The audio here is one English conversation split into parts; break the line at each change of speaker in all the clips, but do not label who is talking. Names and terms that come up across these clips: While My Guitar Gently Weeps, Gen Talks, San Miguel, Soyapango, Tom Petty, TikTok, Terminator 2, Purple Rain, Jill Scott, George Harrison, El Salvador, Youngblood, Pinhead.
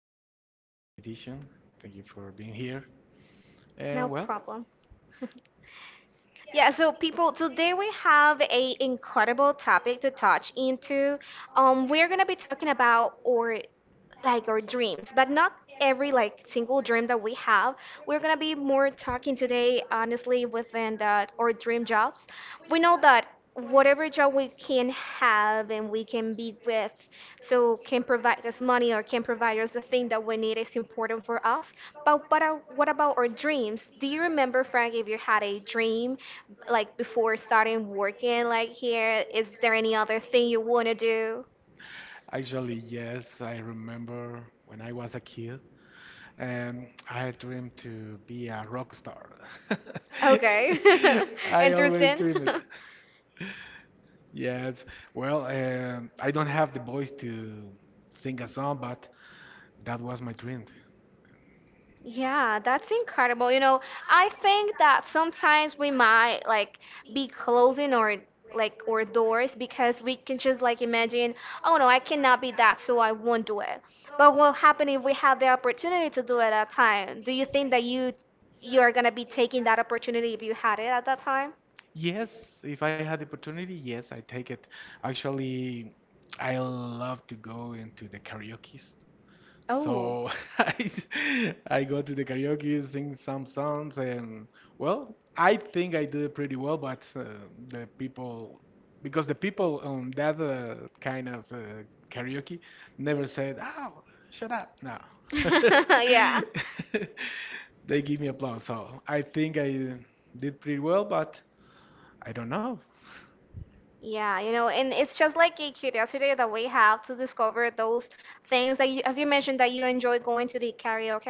Thank you for the invitation. Thank you for being here.
No
And well,
problem. Yeah, so people, today we have a incredible topic to touch into. We're gonna be talking about our dreams, but not every single dream that we have. We're gonna be more talking today, honestly, within that our dream jobs. We know that whatever job we can have and we can be with, so can provide us money or can provide us the thing that we need is important for us. But what about our dreams? Do you remember, Frank, if you had a dream like before starting working like here? Is there any other thing you wanna do?
actually, yes, I remember when I was a kid, and I dreamed to be a rock star.
Okay.
I always
Interesting.
dream it. Yes. Well, I don't have the voice to sing a song, but that was my dream.
Yeah, that's incredible. You know, I think that sometimes we might be closing our doors because we can just like imagine, oh no, I cannot be that, so I won't do it. But what happen if we have the opportunity to do it at that time? Do you think that you are gonna be taking that opportunity if you had it at that time?
Yes, if I had the opportunity, yes, I take it. Actually, I love to go into the karaoke.
Oh.
So I, I go to the karaoke, sing some songs, and well, I think I do pretty well, but the people, because the people on that kind of karaoke never said, "Oh, shut up." No.
Yeah.
They give me applause, so I think I did pretty well, but I don't know.
Yeah, you know, and it's just like a curiosity that we have to discover those things that as you mentioned that you enjoy going to the karaoke.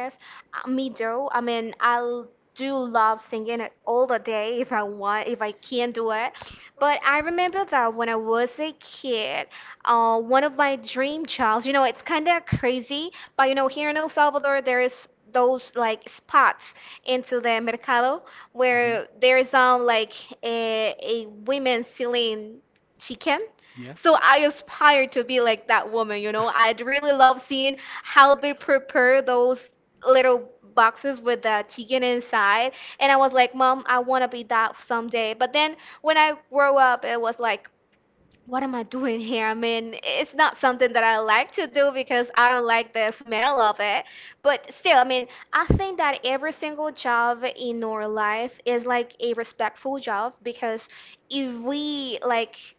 Me too. I mean, I do love singing it all the day if I want, if I can do it. But I remember that when I was a kid, one of my dream jobs, you know, it's kind of crazy, but you know, here in El Salvador, there is those like spots into the mercado
Mhm.
where there is like a women selling chicken,
Yeah.
so I aspire to be like that woman, you know. I'd really love seeing how they prepare those little boxes with the chicken inside. And I was like, "Mom, I want to be that someday." But then when I grow up, it was like, what am I doing here? I mean, it's not something that I like to do because I don't like the smell of it. But still, I mean, I think that every single job in our life is like a respectful job because if we like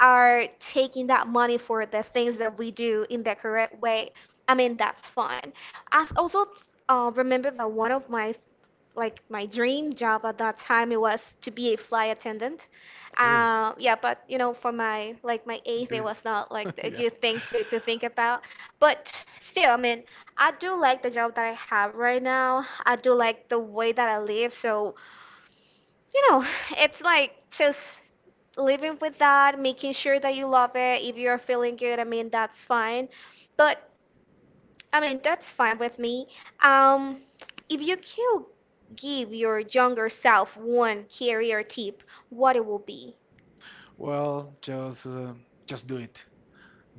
are taking that money for the things that we do in the correct way, I mean, that's fine. Also remember that one of my dream job at that time it was to be a flight attendant.
Oh,
Yeah, but you know, for my age, it
the
was not like a
yeah.
good thing to think about. But still, I mean, I do like the job that I have right now. I do like the way that I live. So you know, it's like just living with that, making sure that you love it. If you're feeling good, I mean, that's fine. But I mean, that's fine with me. Um, if you could give your younger self one career tip, what it will be?
Well, just do it.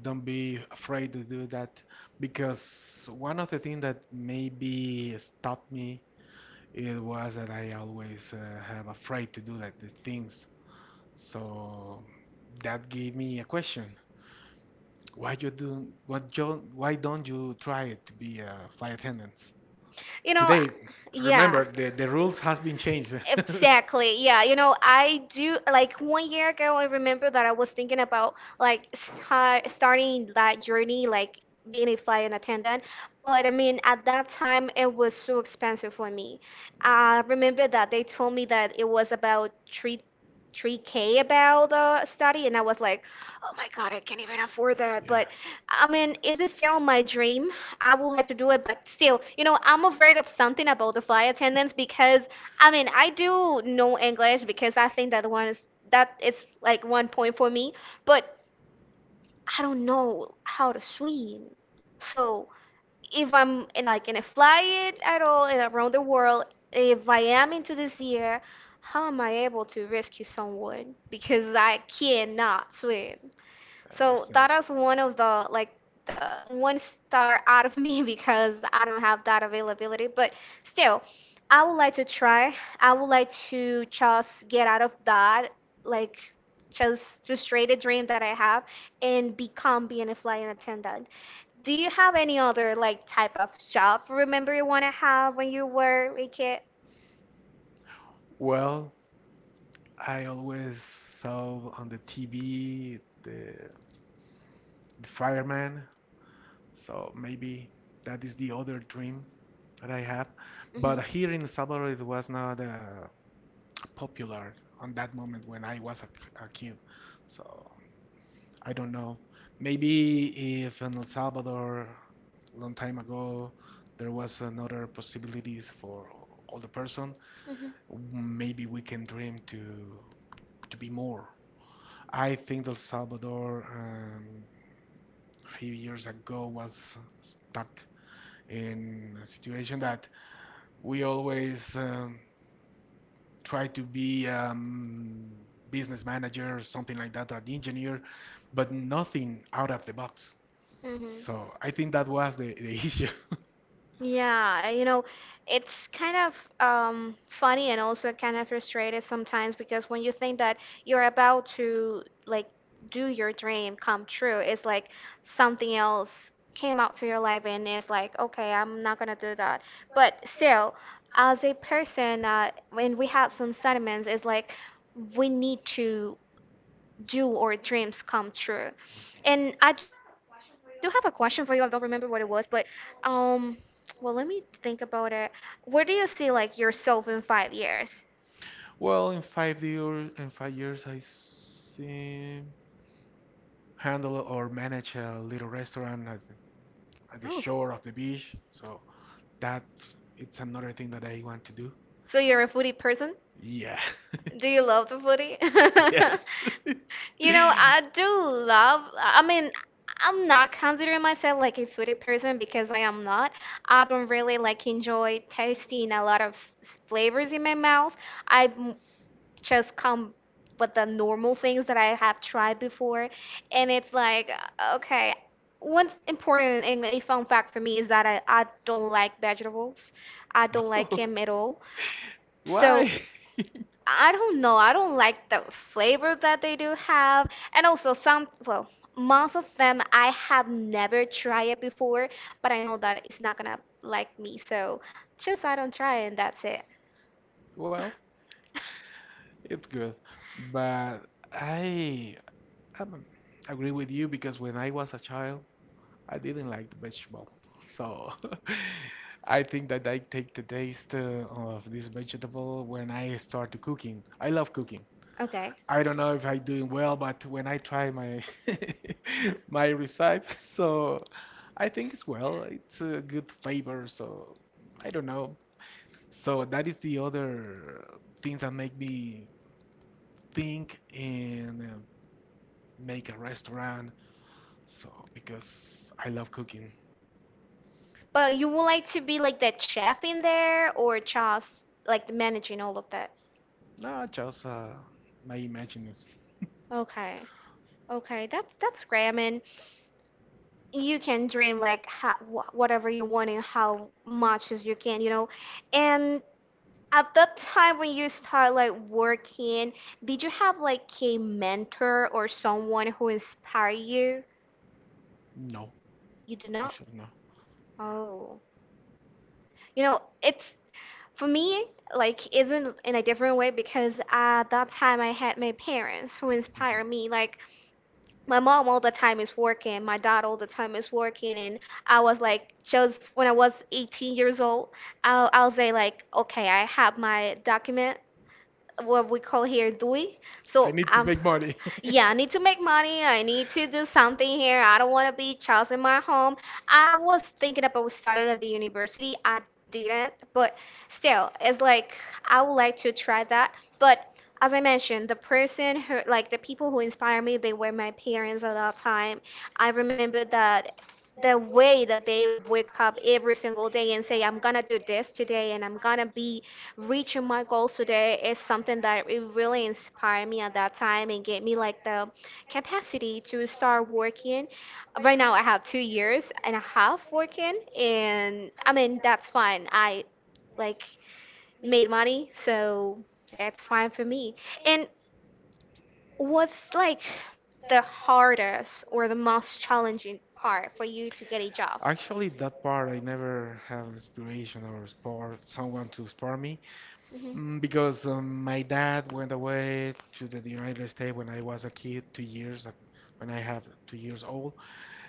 Don't be afraid to do that because one of the things that maybe stopped me it was that I always have afraid to do that the things. So that gave me a question. Why you do what you why don't you try it to be a flight attendant?
You know,
Today,
yeah.
remember, the rules has been changed.
Exactly. Yeah. You know, I do like 1 year ago, I remember that I was thinking about like starting that journey, like being a flight attendant. But I mean, at that time, it was so expensive for me. I remember that they told me that it was about three. 3K about the study and I was like, "Oh my God, I can't even afford that."
Yeah,
But I mean, is it still my dream? I would like to do it, but still, you know, I'm afraid of something about the flight attendants because I mean, I do know English because I think that one is that is like 1 point for me, but I don't know how to swim. So if I'm in a flight at all and around the world, if I am into this year, how am I able to rescue someone? Because I cannot swim.
I
So
understand.
that is one of the one star out of me because I don't have that availability. But still, I would like to try. I would like to just get out of that like just frustrated dream that I have and become being a flying attendant. Do you have any other like type of job remember you want to have when you were a kid?
Well, I always saw on the TV the fireman, so maybe that is the other dream that I have. But here
Hmm,
in El Salvador, it was not popular on that moment when I was a kid. So I don't know. Maybe if in El Salvador, long time ago, there was another possibilities for older person, maybe we can dream to be more. I think El Salvador a few years ago was stuck in a situation that we always try to be business manager, something like that, or engineer, but nothing out of the box.
hmm, hmm.
So I think that was the issue.
Yeah, you know, it's kind of funny and also kind of frustrated sometimes because when you think that you're about to like do your dream come true, it's like something else came out to your life and it's like, okay, I'm not gonna do that. But still, as a person, when we have some sentiments, it's like we need to do or dreams come true. And I do have a question for you. I don't remember what it was, but um, well, let me think about it. Where do you see like yourself in 5 years?
Well, in five years, I see handle or manage a little restaurant at the
Oh,
shore of the beach. So that it's another thing that I want to do.
so you're a foodie person?
Yeah.
Do you love the foodie?
Yes.
You know, I do love, I mean, I'm not considering myself like a foodie person because I am not. I don't really like enjoy tasting a lot of flavors in my mouth. I'm just come with the normal things that I have tried before. And it's like, okay, what's important and a fun fact for me is that I don't like vegetables. I don't like
Oh,
them at all. So
why?
I don't know. I don't like the flavor that they do have. And also some, well, most of them I have never tried it before, but I know that it's not gonna like me. So just I don't try it and that's it.
Well, it's good, but I I agree with you because when I was a child, I didn't like the vegetable. So I think that I take the taste of this vegetable when I start to cooking. I love cooking.
Okay.
I don't know if I doing well, but when I try my my recipe, so I think it's well. It's a good flavor, so I don't know. So that is the other things that make me think and make a restaurant. So, because I love cooking.
But you would like to be like that chef in there or just like managing all of that?
No, just my imagination.
Okay. Okay, that's great. I mean, you can dream like ha wh whatever you want and how much as you can, you know. And at that time when you start like working, did you have like a mentor or someone who inspired you?
No,
You do not?
actually, no.
Oh. You know, it's for me, like, isn't in a different way because at that time I had my parents who
Mhm.
inspired me. Like, my mom all the time is working, my dad all the time is working, and I was like, just when I was 18 years old, I'll say, like, okay, I have my document what we call here DUI.
I
So
need to make money.
yeah, I need to make money. I need to do something here. I don't want to be just in my home. I was thinking about studying at the university. I didn't, but still, it's like I would like to try that. But as I mentioned, the person who, like the people who inspired me, they were my parents at that time. I remember that the way that they wake up every single day and say, I'm gonna do this today and I'm gonna be reaching my goals today is something that it really inspired me at that time and gave me like the capacity to start working. Right now I have 2 years and a half working and I mean that's fine. I like made money so it's fine for me. And what's like the hardest or the most challenging part for you to get a job?
Actually, that part I never have inspiration or spur someone to spur me,
Mhm.
because my dad went away to the United States when I was a kid, when I have 2 years old.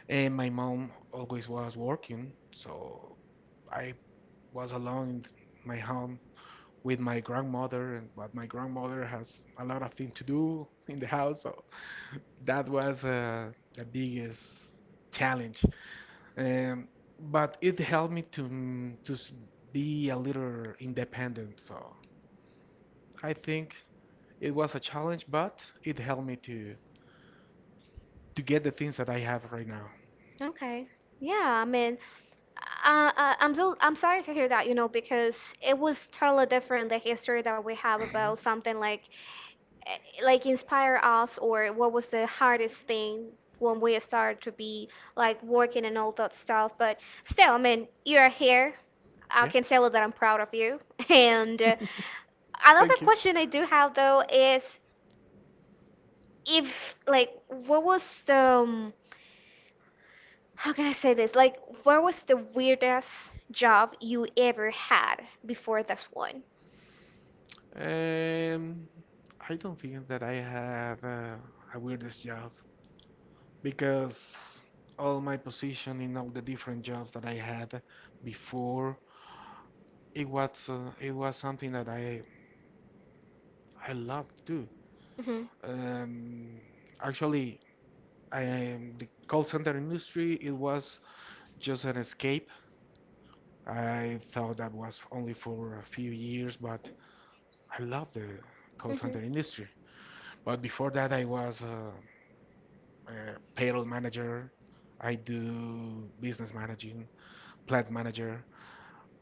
And my mom always was working, so I was alone in my home with my grandmother, and but my grandmother has a lot of things to do in the house, so that was the biggest challenge. Um, but it helped me to be a little independent, so I think it was a challenge, but it helped me to get the things that I have right now.
Okay. Yeah, I mean, I'm so I'm sorry to hear that, you know, because it was totally different the history that we have
Mhm.
about something like eh, like inspire us or what was the hardest thing when we started to be like working and all that stuff but still I mean you're here I
Yeah.
can tell you that I'm proud of you and another
Thank you.
question I do have though is if like what was the how can I say this like what was the weirdest job you ever had before this one?
Um, I don't think that I have a weirdest job because all my position in all the different jobs that I had before, it was something that I loved to do.
Hmm,
Um, actually, I the call center industry, it was just an escape. I thought that was only for a few years, but I love the call
hmm.
center industry. But before that, I was a payroll manager. I do business managing, plant manager.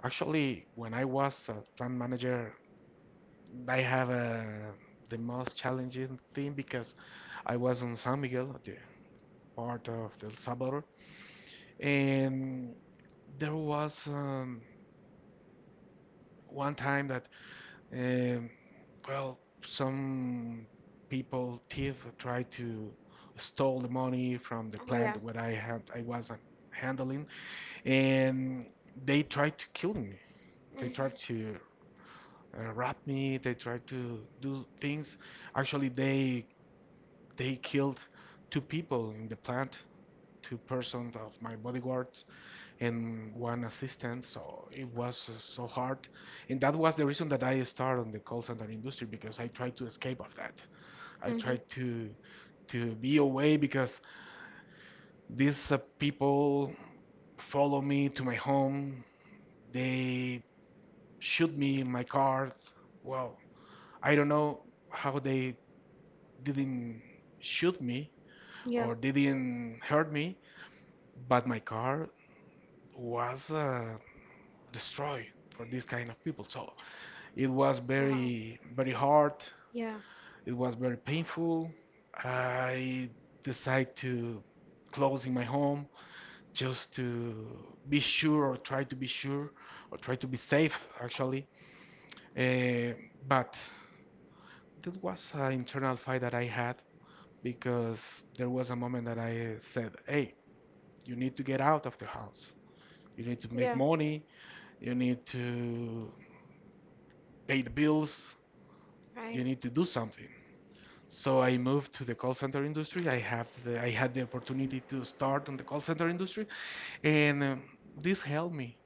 Actually, when I was a plant manager, I have the most challenging thing because I was on San Miguel, the part of El Salvador, and there was one time that Um, well, some people, thief, tried to stole the money from the
Yeah.
plant where I was handling, and they tried to kill me. They
Mhm.
tried to rob me. They tried to do things. Actually, they killed two people in the plant, two persons of my bodyguards, and one assistant. So it was so hard. And that was the reason that I started on the call center industry because I tried to escape of that. I
Mhm.
tried to be away because these people follow me to my home. They shoot me in my car. Well, I don't know how they didn't shoot me
Yeah.
or didn't hurt me, but my car was destroyed for this kind of people. So it was
Uh-huh.
very, very hard.
Yeah.
It was very painful. I decided to close in my home just to be sure or try to be sure or try to be safe actually. Eh, but that was an internal fight that I had because there was a moment that I said, hey, you need to get out of the house. You need to make
Yeah.
money. You need to pay the bills. You
Right.
need to do something. So I moved to the call center industry. I had the opportunity to start on the call center industry, and this helped me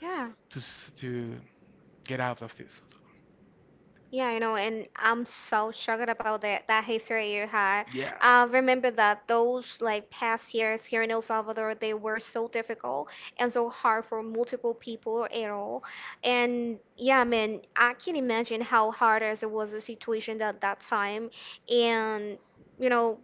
Yeah.
to get out of this.
Yeah, you know, and I'm so shocked about that history you had.
Yeah.
I remember that those like past years here in El Salvador, they were so difficult and so hard for multiple people at all. And yeah, I mean, I can imagine how hard as it was the situation at that time. And you know,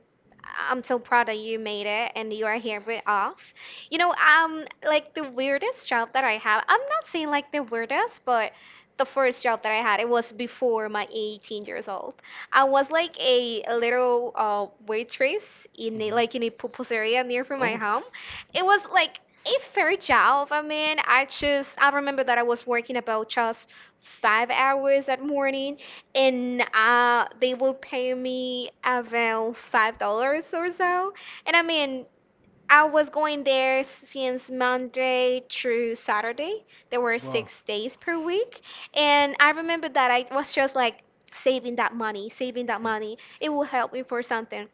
I'm so proud that you made it and you are here with us. You know, like the weirdest job that I have. I'm not saying like the weirdest, but the first job that I had. It was before my 18 years old. I was like a little waitress in a,
Mhm.
like in a pupuseria near from my
Oh,
home. It was like a fair job. I mean, I remember that I was working about just 5 hours that morning, and they will pay me about $5 or so. And I mean, I was going there since Monday through Saturday. There were
wow. Mhm.
6 days per week. And I remember that I was just like saving that money, saving that money. It will help me for something.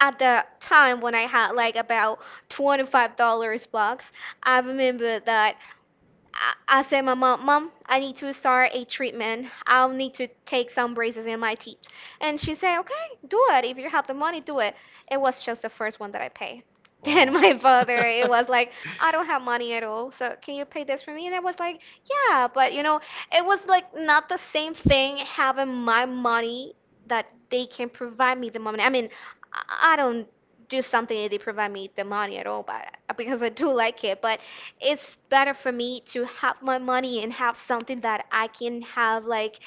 At the time when I had like about $25 bucks, I remember that I said, my mom, mom, I need to start a treatment. I'll need to take some braces in my teeth. And she said, okay, do it. If you have the money, do it. It was just the first one that I paid. Then
Wow.
my father, it was like, I don't have money at all. So can you pay this for me? And I was like, yeah, but you know, it was like not the same thing having my money that they can provide me the money. I mean, I don't do something that they provide me the money at all, but because I do like it, but it's better for me to have my money and have something that I can have, like,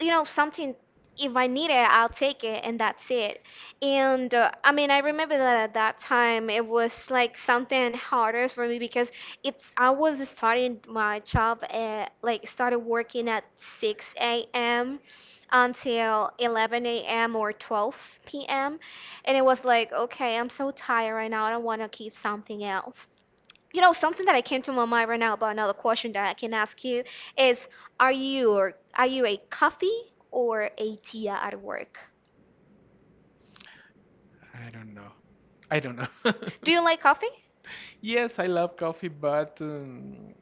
you know, something if I need it, I'll take it, and that's it. And I mean, I remember that at that time it was like something harder for me because it's I was starting my job at like started working at 6 a.m. until 11 a.m. or 12 p.m. and it was like, okay, I'm so tired right now. I don't want to keep something else. You know, something that I came to my mind right now about another question that I can ask you is, are you or are you a coffee or a tea at work?
I don't know. I don't know.
Do you like coffee?
Yes, I love coffee, but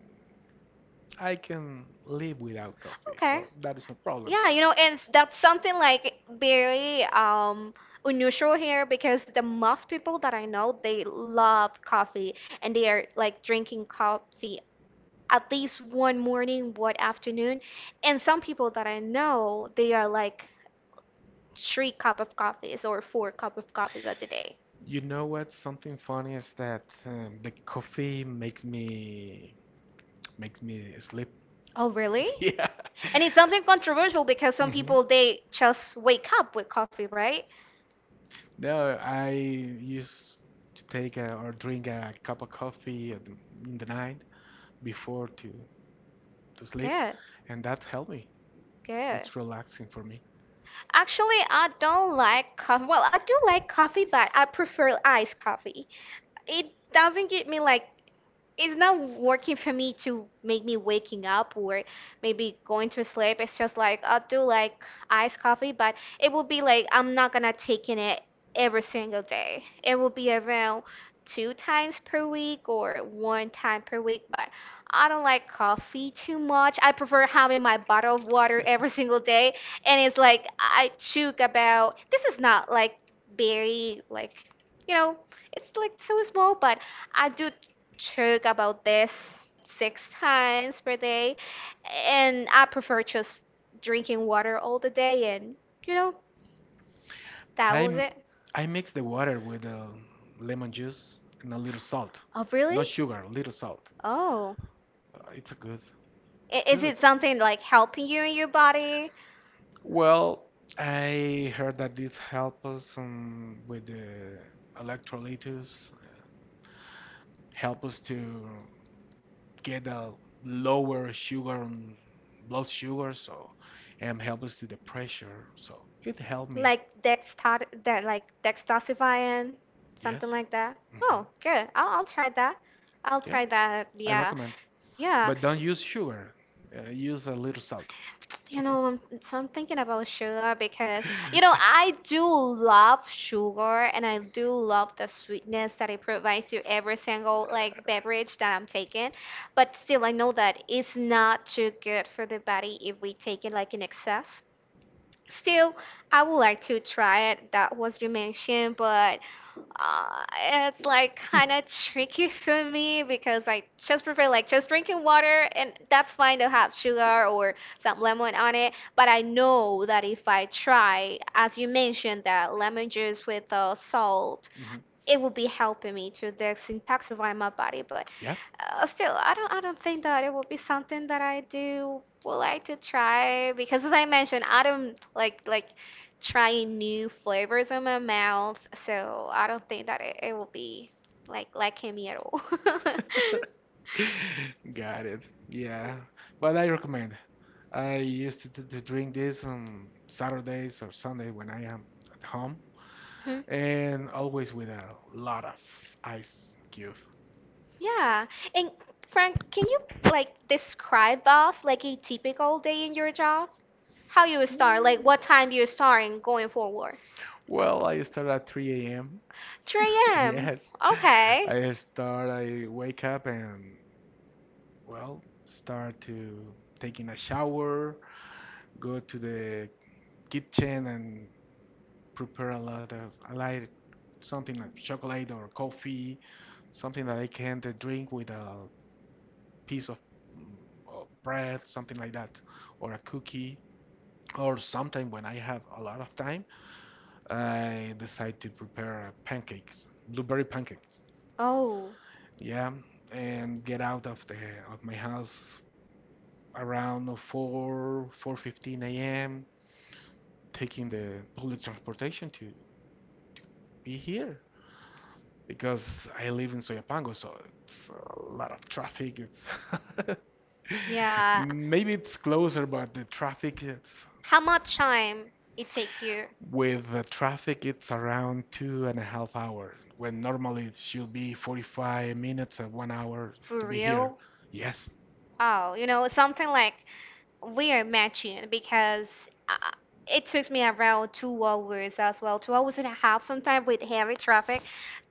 I can live without coffee,
Okay.
so that is no problem.
Yeah, you know, and that's something like very unusual here because the most people that I know, they love coffee and they are like drinking coffee at least one morning, one afternoon. And some people that I know, they are like three cup of coffees or four cup of coffees at the day.
You know what? Something funny is that the coffee makes me sleep.
Oh, really?
Yeah.
And it's something controversial because some
Mhm.
people they just wake up with coffee, right?
No, I used to take or drink a cup of coffee at in the night before to sleep,
Good,
and that helped me.
good.
It's relaxing for me.
Actually, I don't like coffee. Well, I do like coffee, but I prefer iced coffee. It doesn't give me like it's not working for me to make me waking up or maybe going to sleep. It's just like I'll do like iced coffee, but it will be like I'm not gonna taking it every single day. It will be around two times per week or one time per week, but I don't like coffee too much. I prefer having my bottle of water every single day, and it's like I took about this is not like very like you know it's like so small, but I do talk about this six times per day. And I prefer just drinking water all the day. And, you know, that
I
was
m-
it.
I mix the water with lemon juice and a little salt,
Oh, really?
not sugar, a little salt.
Oh.
It's a good. It's
Is it
good.
something like helping you in your body?
Well, I heard that this help us with the electrolytes, help us to get a lower sugar, blood sugar, so and help us to the pressure. So it helped me.
Like dextot that like dextosifying, something
Yes.
like that.
Mm.
Oh, good. I'll try that. I'll
Yeah,
try that.
I
Yeah.
recommend.
Yeah.
But don't use sugar. Use a little salt.
You know, I'm thinking about sugar because, you know, I do love sugar and I do love the sweetness that it provides you every single like beverage that I'm taking. But still, I know that it's not too good for the body if we take it like in excess. Still, I would like to try it. That was you mentioned, but uh, it's like kind of tricky for me because I just prefer like just drinking water, and that's fine to have sugar or some lemon on it. But I know that if I try, as you mentioned, that lemon juice with salt
Mhm.
it would be helping me to detoxify my body but
Yeah.
still I don't I don't think that it will be something that I do would like to try because as I mentioned I don't like trying new flavors in my mouth so I don't think that it will be like liking me at all.
Got it. Yeah. But I recommend. I used to drink this on Saturdays or Sunday when I am at home,
Mhm.
and always with a lot of ice cube.
Yeah, and Frank, can you like describe us like a typical day in your job? How you start like
Mm.
what time you start and going forward?
Well, I start at 3 a.m.
3 a.m.
Yes,
Okay.
I start. I wake up and well start to taking a shower, go to the kitchen and prepare a lot of I like something like chocolate or coffee, something that I can to drink with a piece mm, of bread, something like that, or a cookie, or sometime when I have a lot of time, I decide to prepare pancakes, blueberry pancakes.
Oh,
Yeah, and get out of the of my house around 4 4:15 a.m. taking the public transportation to be here because I live in Soyapango, so it's a lot of traffic. It's
yeah.
maybe it's closer, but the traffic it's
How much time it takes you
With the traffic, it's around 2.5 hours when normally it should be 45 minutes or 1 hour to
for
be here.
real?
Yes.
Oh, you know, something like we are matching because uh, it took me around 2 hours as well, 2 hours and a half sometimes with heavy traffic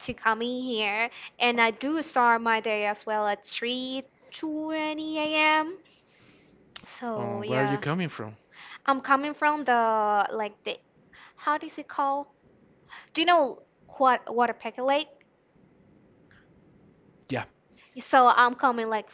to come in here. And I do start my day as well at 3:20 a.m. So,
Where are you
yeah.
coming from?
I'm coming from the like the how does it call? Do you know what Lake?
Yeah,
So I'm coming like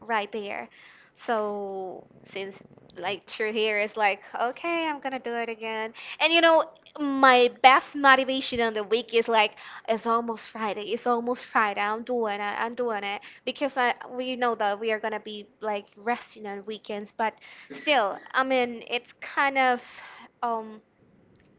right there. So since like through here is like okay, I'm gonna do it again. And you know my best motivation on the week is like it's almost Friday. It's almost Friday. I'm doing it. I'm doing it because I we know that we are gonna be like resting on weekends, but still, I mean it's kind of um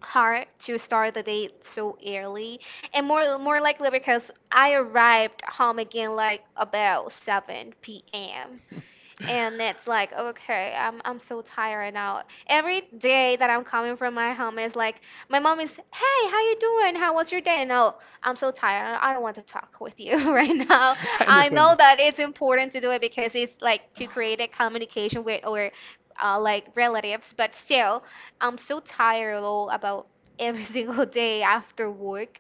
hard to start the day so early and more likely because I arrived home again like about 7 p.m.
I
and it's like okay I'm so tired right now. Every day that I'm coming from my home is like my mom is, hey, how you doing? How was your day? No, I'm so tired, I don't want to talk with you. Right now I
understand you.
know that it's important to do it because it's like to create a communication with or like relatives but still I'm so tired all about every single day after work.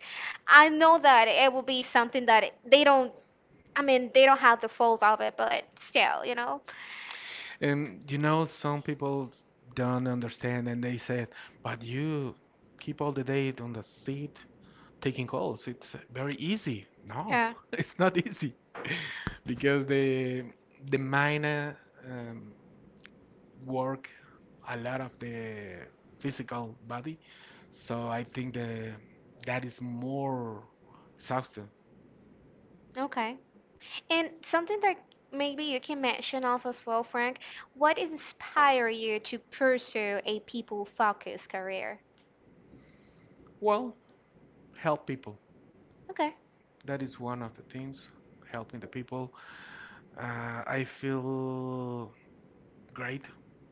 I know that it will be something that they don't they don't have the fault of it, but still, you know.
And you know, some people don't understand and they said, but you keep all the day on the seat taking calls. It's very easy. No,
Yeah,
it's not easy because the mind um, work a lot of the physical body. So I think the that is more exhausting.
okay. And something that maybe you can mention also as well, Frank, what inspired you to pursue a people-focused career?
Well, help people.
Okay.
That is one of the things. Helping the people. I feel great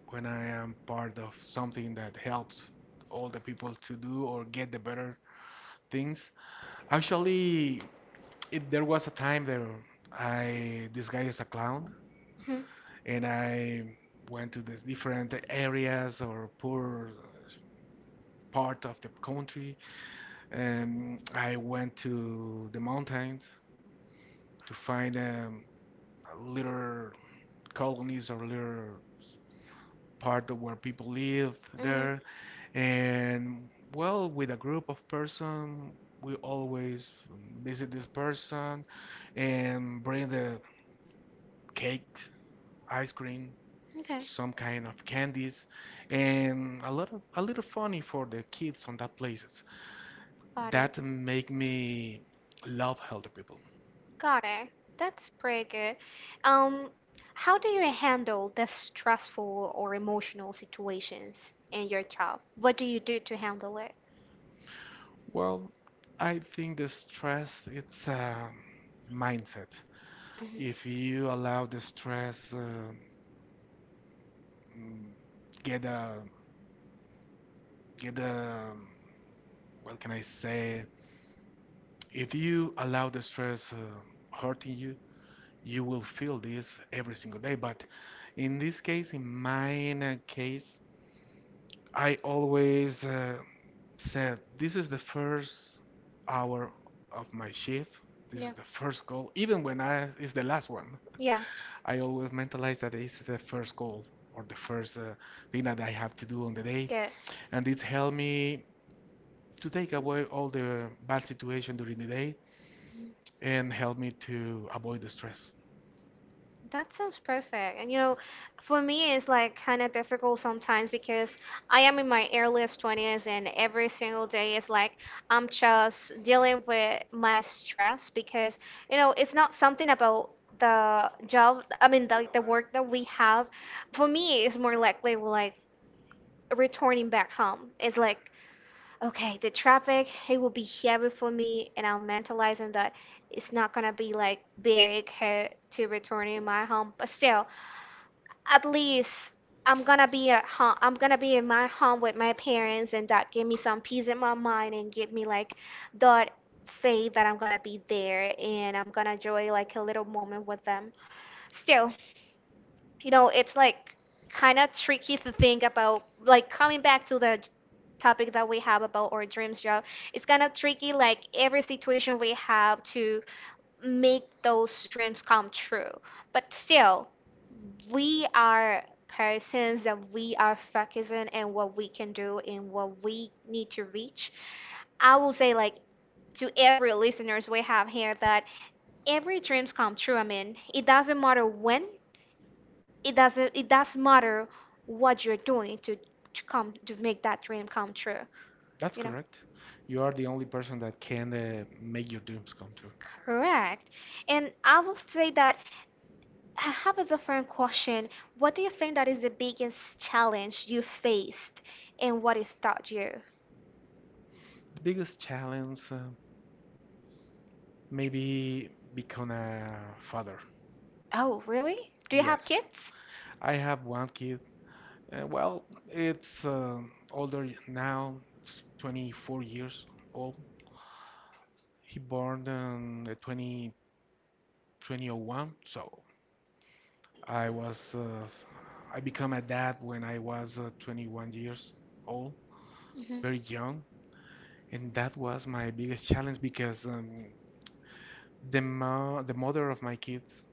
when I am part of something that helps all the people to do or get the better things. Actually, there was a time that I disguised as a clown and I went to the different areas or poor part of the country. And I went to the mountains to find little colonies or little part of where people live there. And well, with a group of person, we always visit this person and bring the cakes, ice cream, some kind of candies, and a lot of a little funny for the kids on that places. That make me love healthy people.
Got it. That's pretty good. Um, how do you handle the stressful or emotional situations in your job? What do you do to handle it?
Well, I think the stress it's a mindset. If
Hmm.
you allow the stress mm, get a get a what can I say? If you allow the stress hurting you, you will feel this every single day. But in this case, in my case, I always said this is the first hour of my shift. This is
Yeah.
the first goal, even when I is the last one.
Yeah.
I always mentalize that it's the first goal or the first thing that I have to do on the day,
Good.
and it helped me to take away all the bad situation during the day and help me to avoid the stress.
That sounds perfect. And you know, for me, it's like kind of difficult sometimes because I am in my earliest 20s, and every single day is like I'm just dealing with my stress because, you know, it's not something about the job, I mean, the work that we have. For me, it's more likely like returning back home. It's like, okay, the traffic, it will be heavy for me, and I'm mentalizing that it's not gonna be like very good to returning my home, but still at least I'm gonna be at home. I'm gonna be in my home with my parents, and that give me some peace in my mind and give me like that faith that I'm gonna be there and I'm gonna enjoy like a little moment with them. Still, you know, it's like kind of tricky to think about. Like coming back to the topic that we have about our dreams job, it's kind of tricky. Like every situation we have to make those dreams come true. But still, we are persons that we are focusing and what we can do and what we need to reach. I will say like to every listeners we have here that every dreams come true. I mean, it doesn't matter when, it does not matter what you're doing to come to make that dream come true.
That's
You know?
correct. You are the only person that can make your dreams come true.
Correct. And I will say that I have a different question. What do you think that is the biggest challenge you faced and what it taught you?
The biggest challenge, maybe become a father.
Oh, really? Do you have
Yes,
kids?
I have one kid. Well, it's older now, it's 24 years old. He born in the 2001, so I was I become a dad when I was 21 years old,
Hmm.
very young, and that was my biggest challenge because the mother of my kids.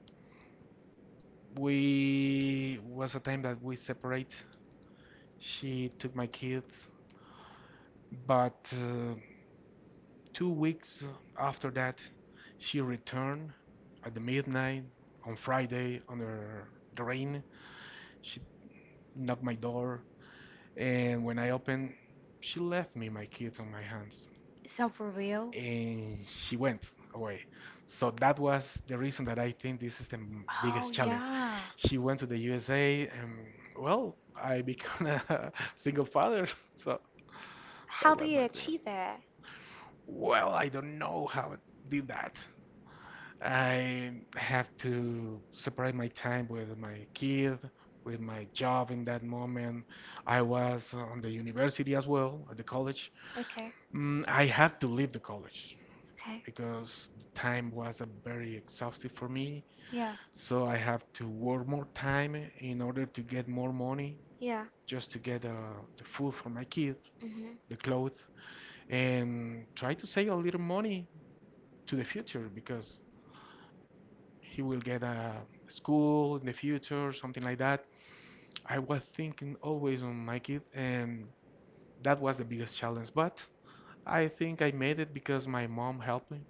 We was a time that we separate. She took my kids, but 2 weeks after that, she returned at the midnight on Friday under the rain. She knocked my door, and when I opened, she left me my kids on my hands,
Is that for real?
and she went away. So that was the reason that I think this is the
Oh,
biggest challenge.
yeah.
She went to the USA, and well, I became a single father. So that
How do
was my
you
opinion.
achieve that?
Well, I don't know how I did that. I have to separate my time with my kid, with my job in that moment. I was on the university as well, at the college.
Okay.
I had to leave the college
Okay.
because the time wasn't very exhaustive for me.
Yeah.
So I have to work more time in order to get more money
Yeah.
just to get the food for my kids,
Mhm.
the clothes, and try to save a little money to the future because he will get a school in the future, something like that. I was thinking always on my kid, and that was the biggest challenge. But I think I made it because my mom helped me.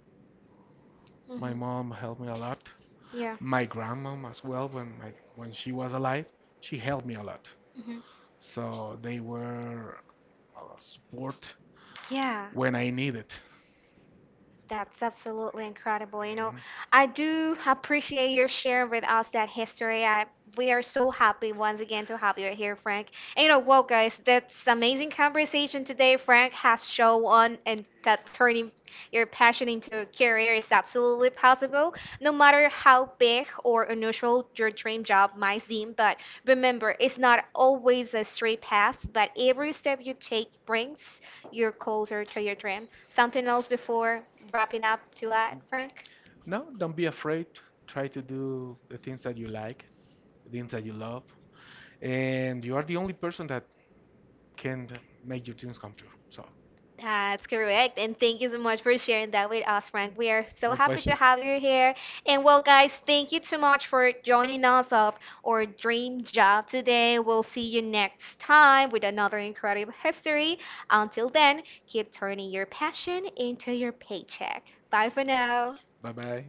My
Mhm.
mom helped me a lot.
Yeah.
My grandmom as well, when she was alive, she helped me a lot,
Mhm.
so they were a support
Yeah.
when I need it.
That's absolutely incredible. You know,
Mhm.
I do appreciate your sharing with us that history. We are so happy once again to have you here, Frank. And you know what, guys? That's amazing conversation today. Frank has shown on and that turning your passion into a career is absolutely possible, no matter how big or unusual your dream job might seem. But remember, it's not always a straight path, but every step you take brings you're closer to your dream. Something else before wrapping up to that, Frank?
No, don't be afraid. Try to do the things that you like, the things that you love, and you are the only person that can make your dreams come true. So,
That's correct. And thank you so much for sharing that with us, Frank. We are so
my
happy to
pleasure.
have you here. And well, guys, thank you so much for joining us of our dream job today. We'll see you next time with another incredible history. Until then, keep turning your passion into your paycheck. Bye for now.
Bye bye.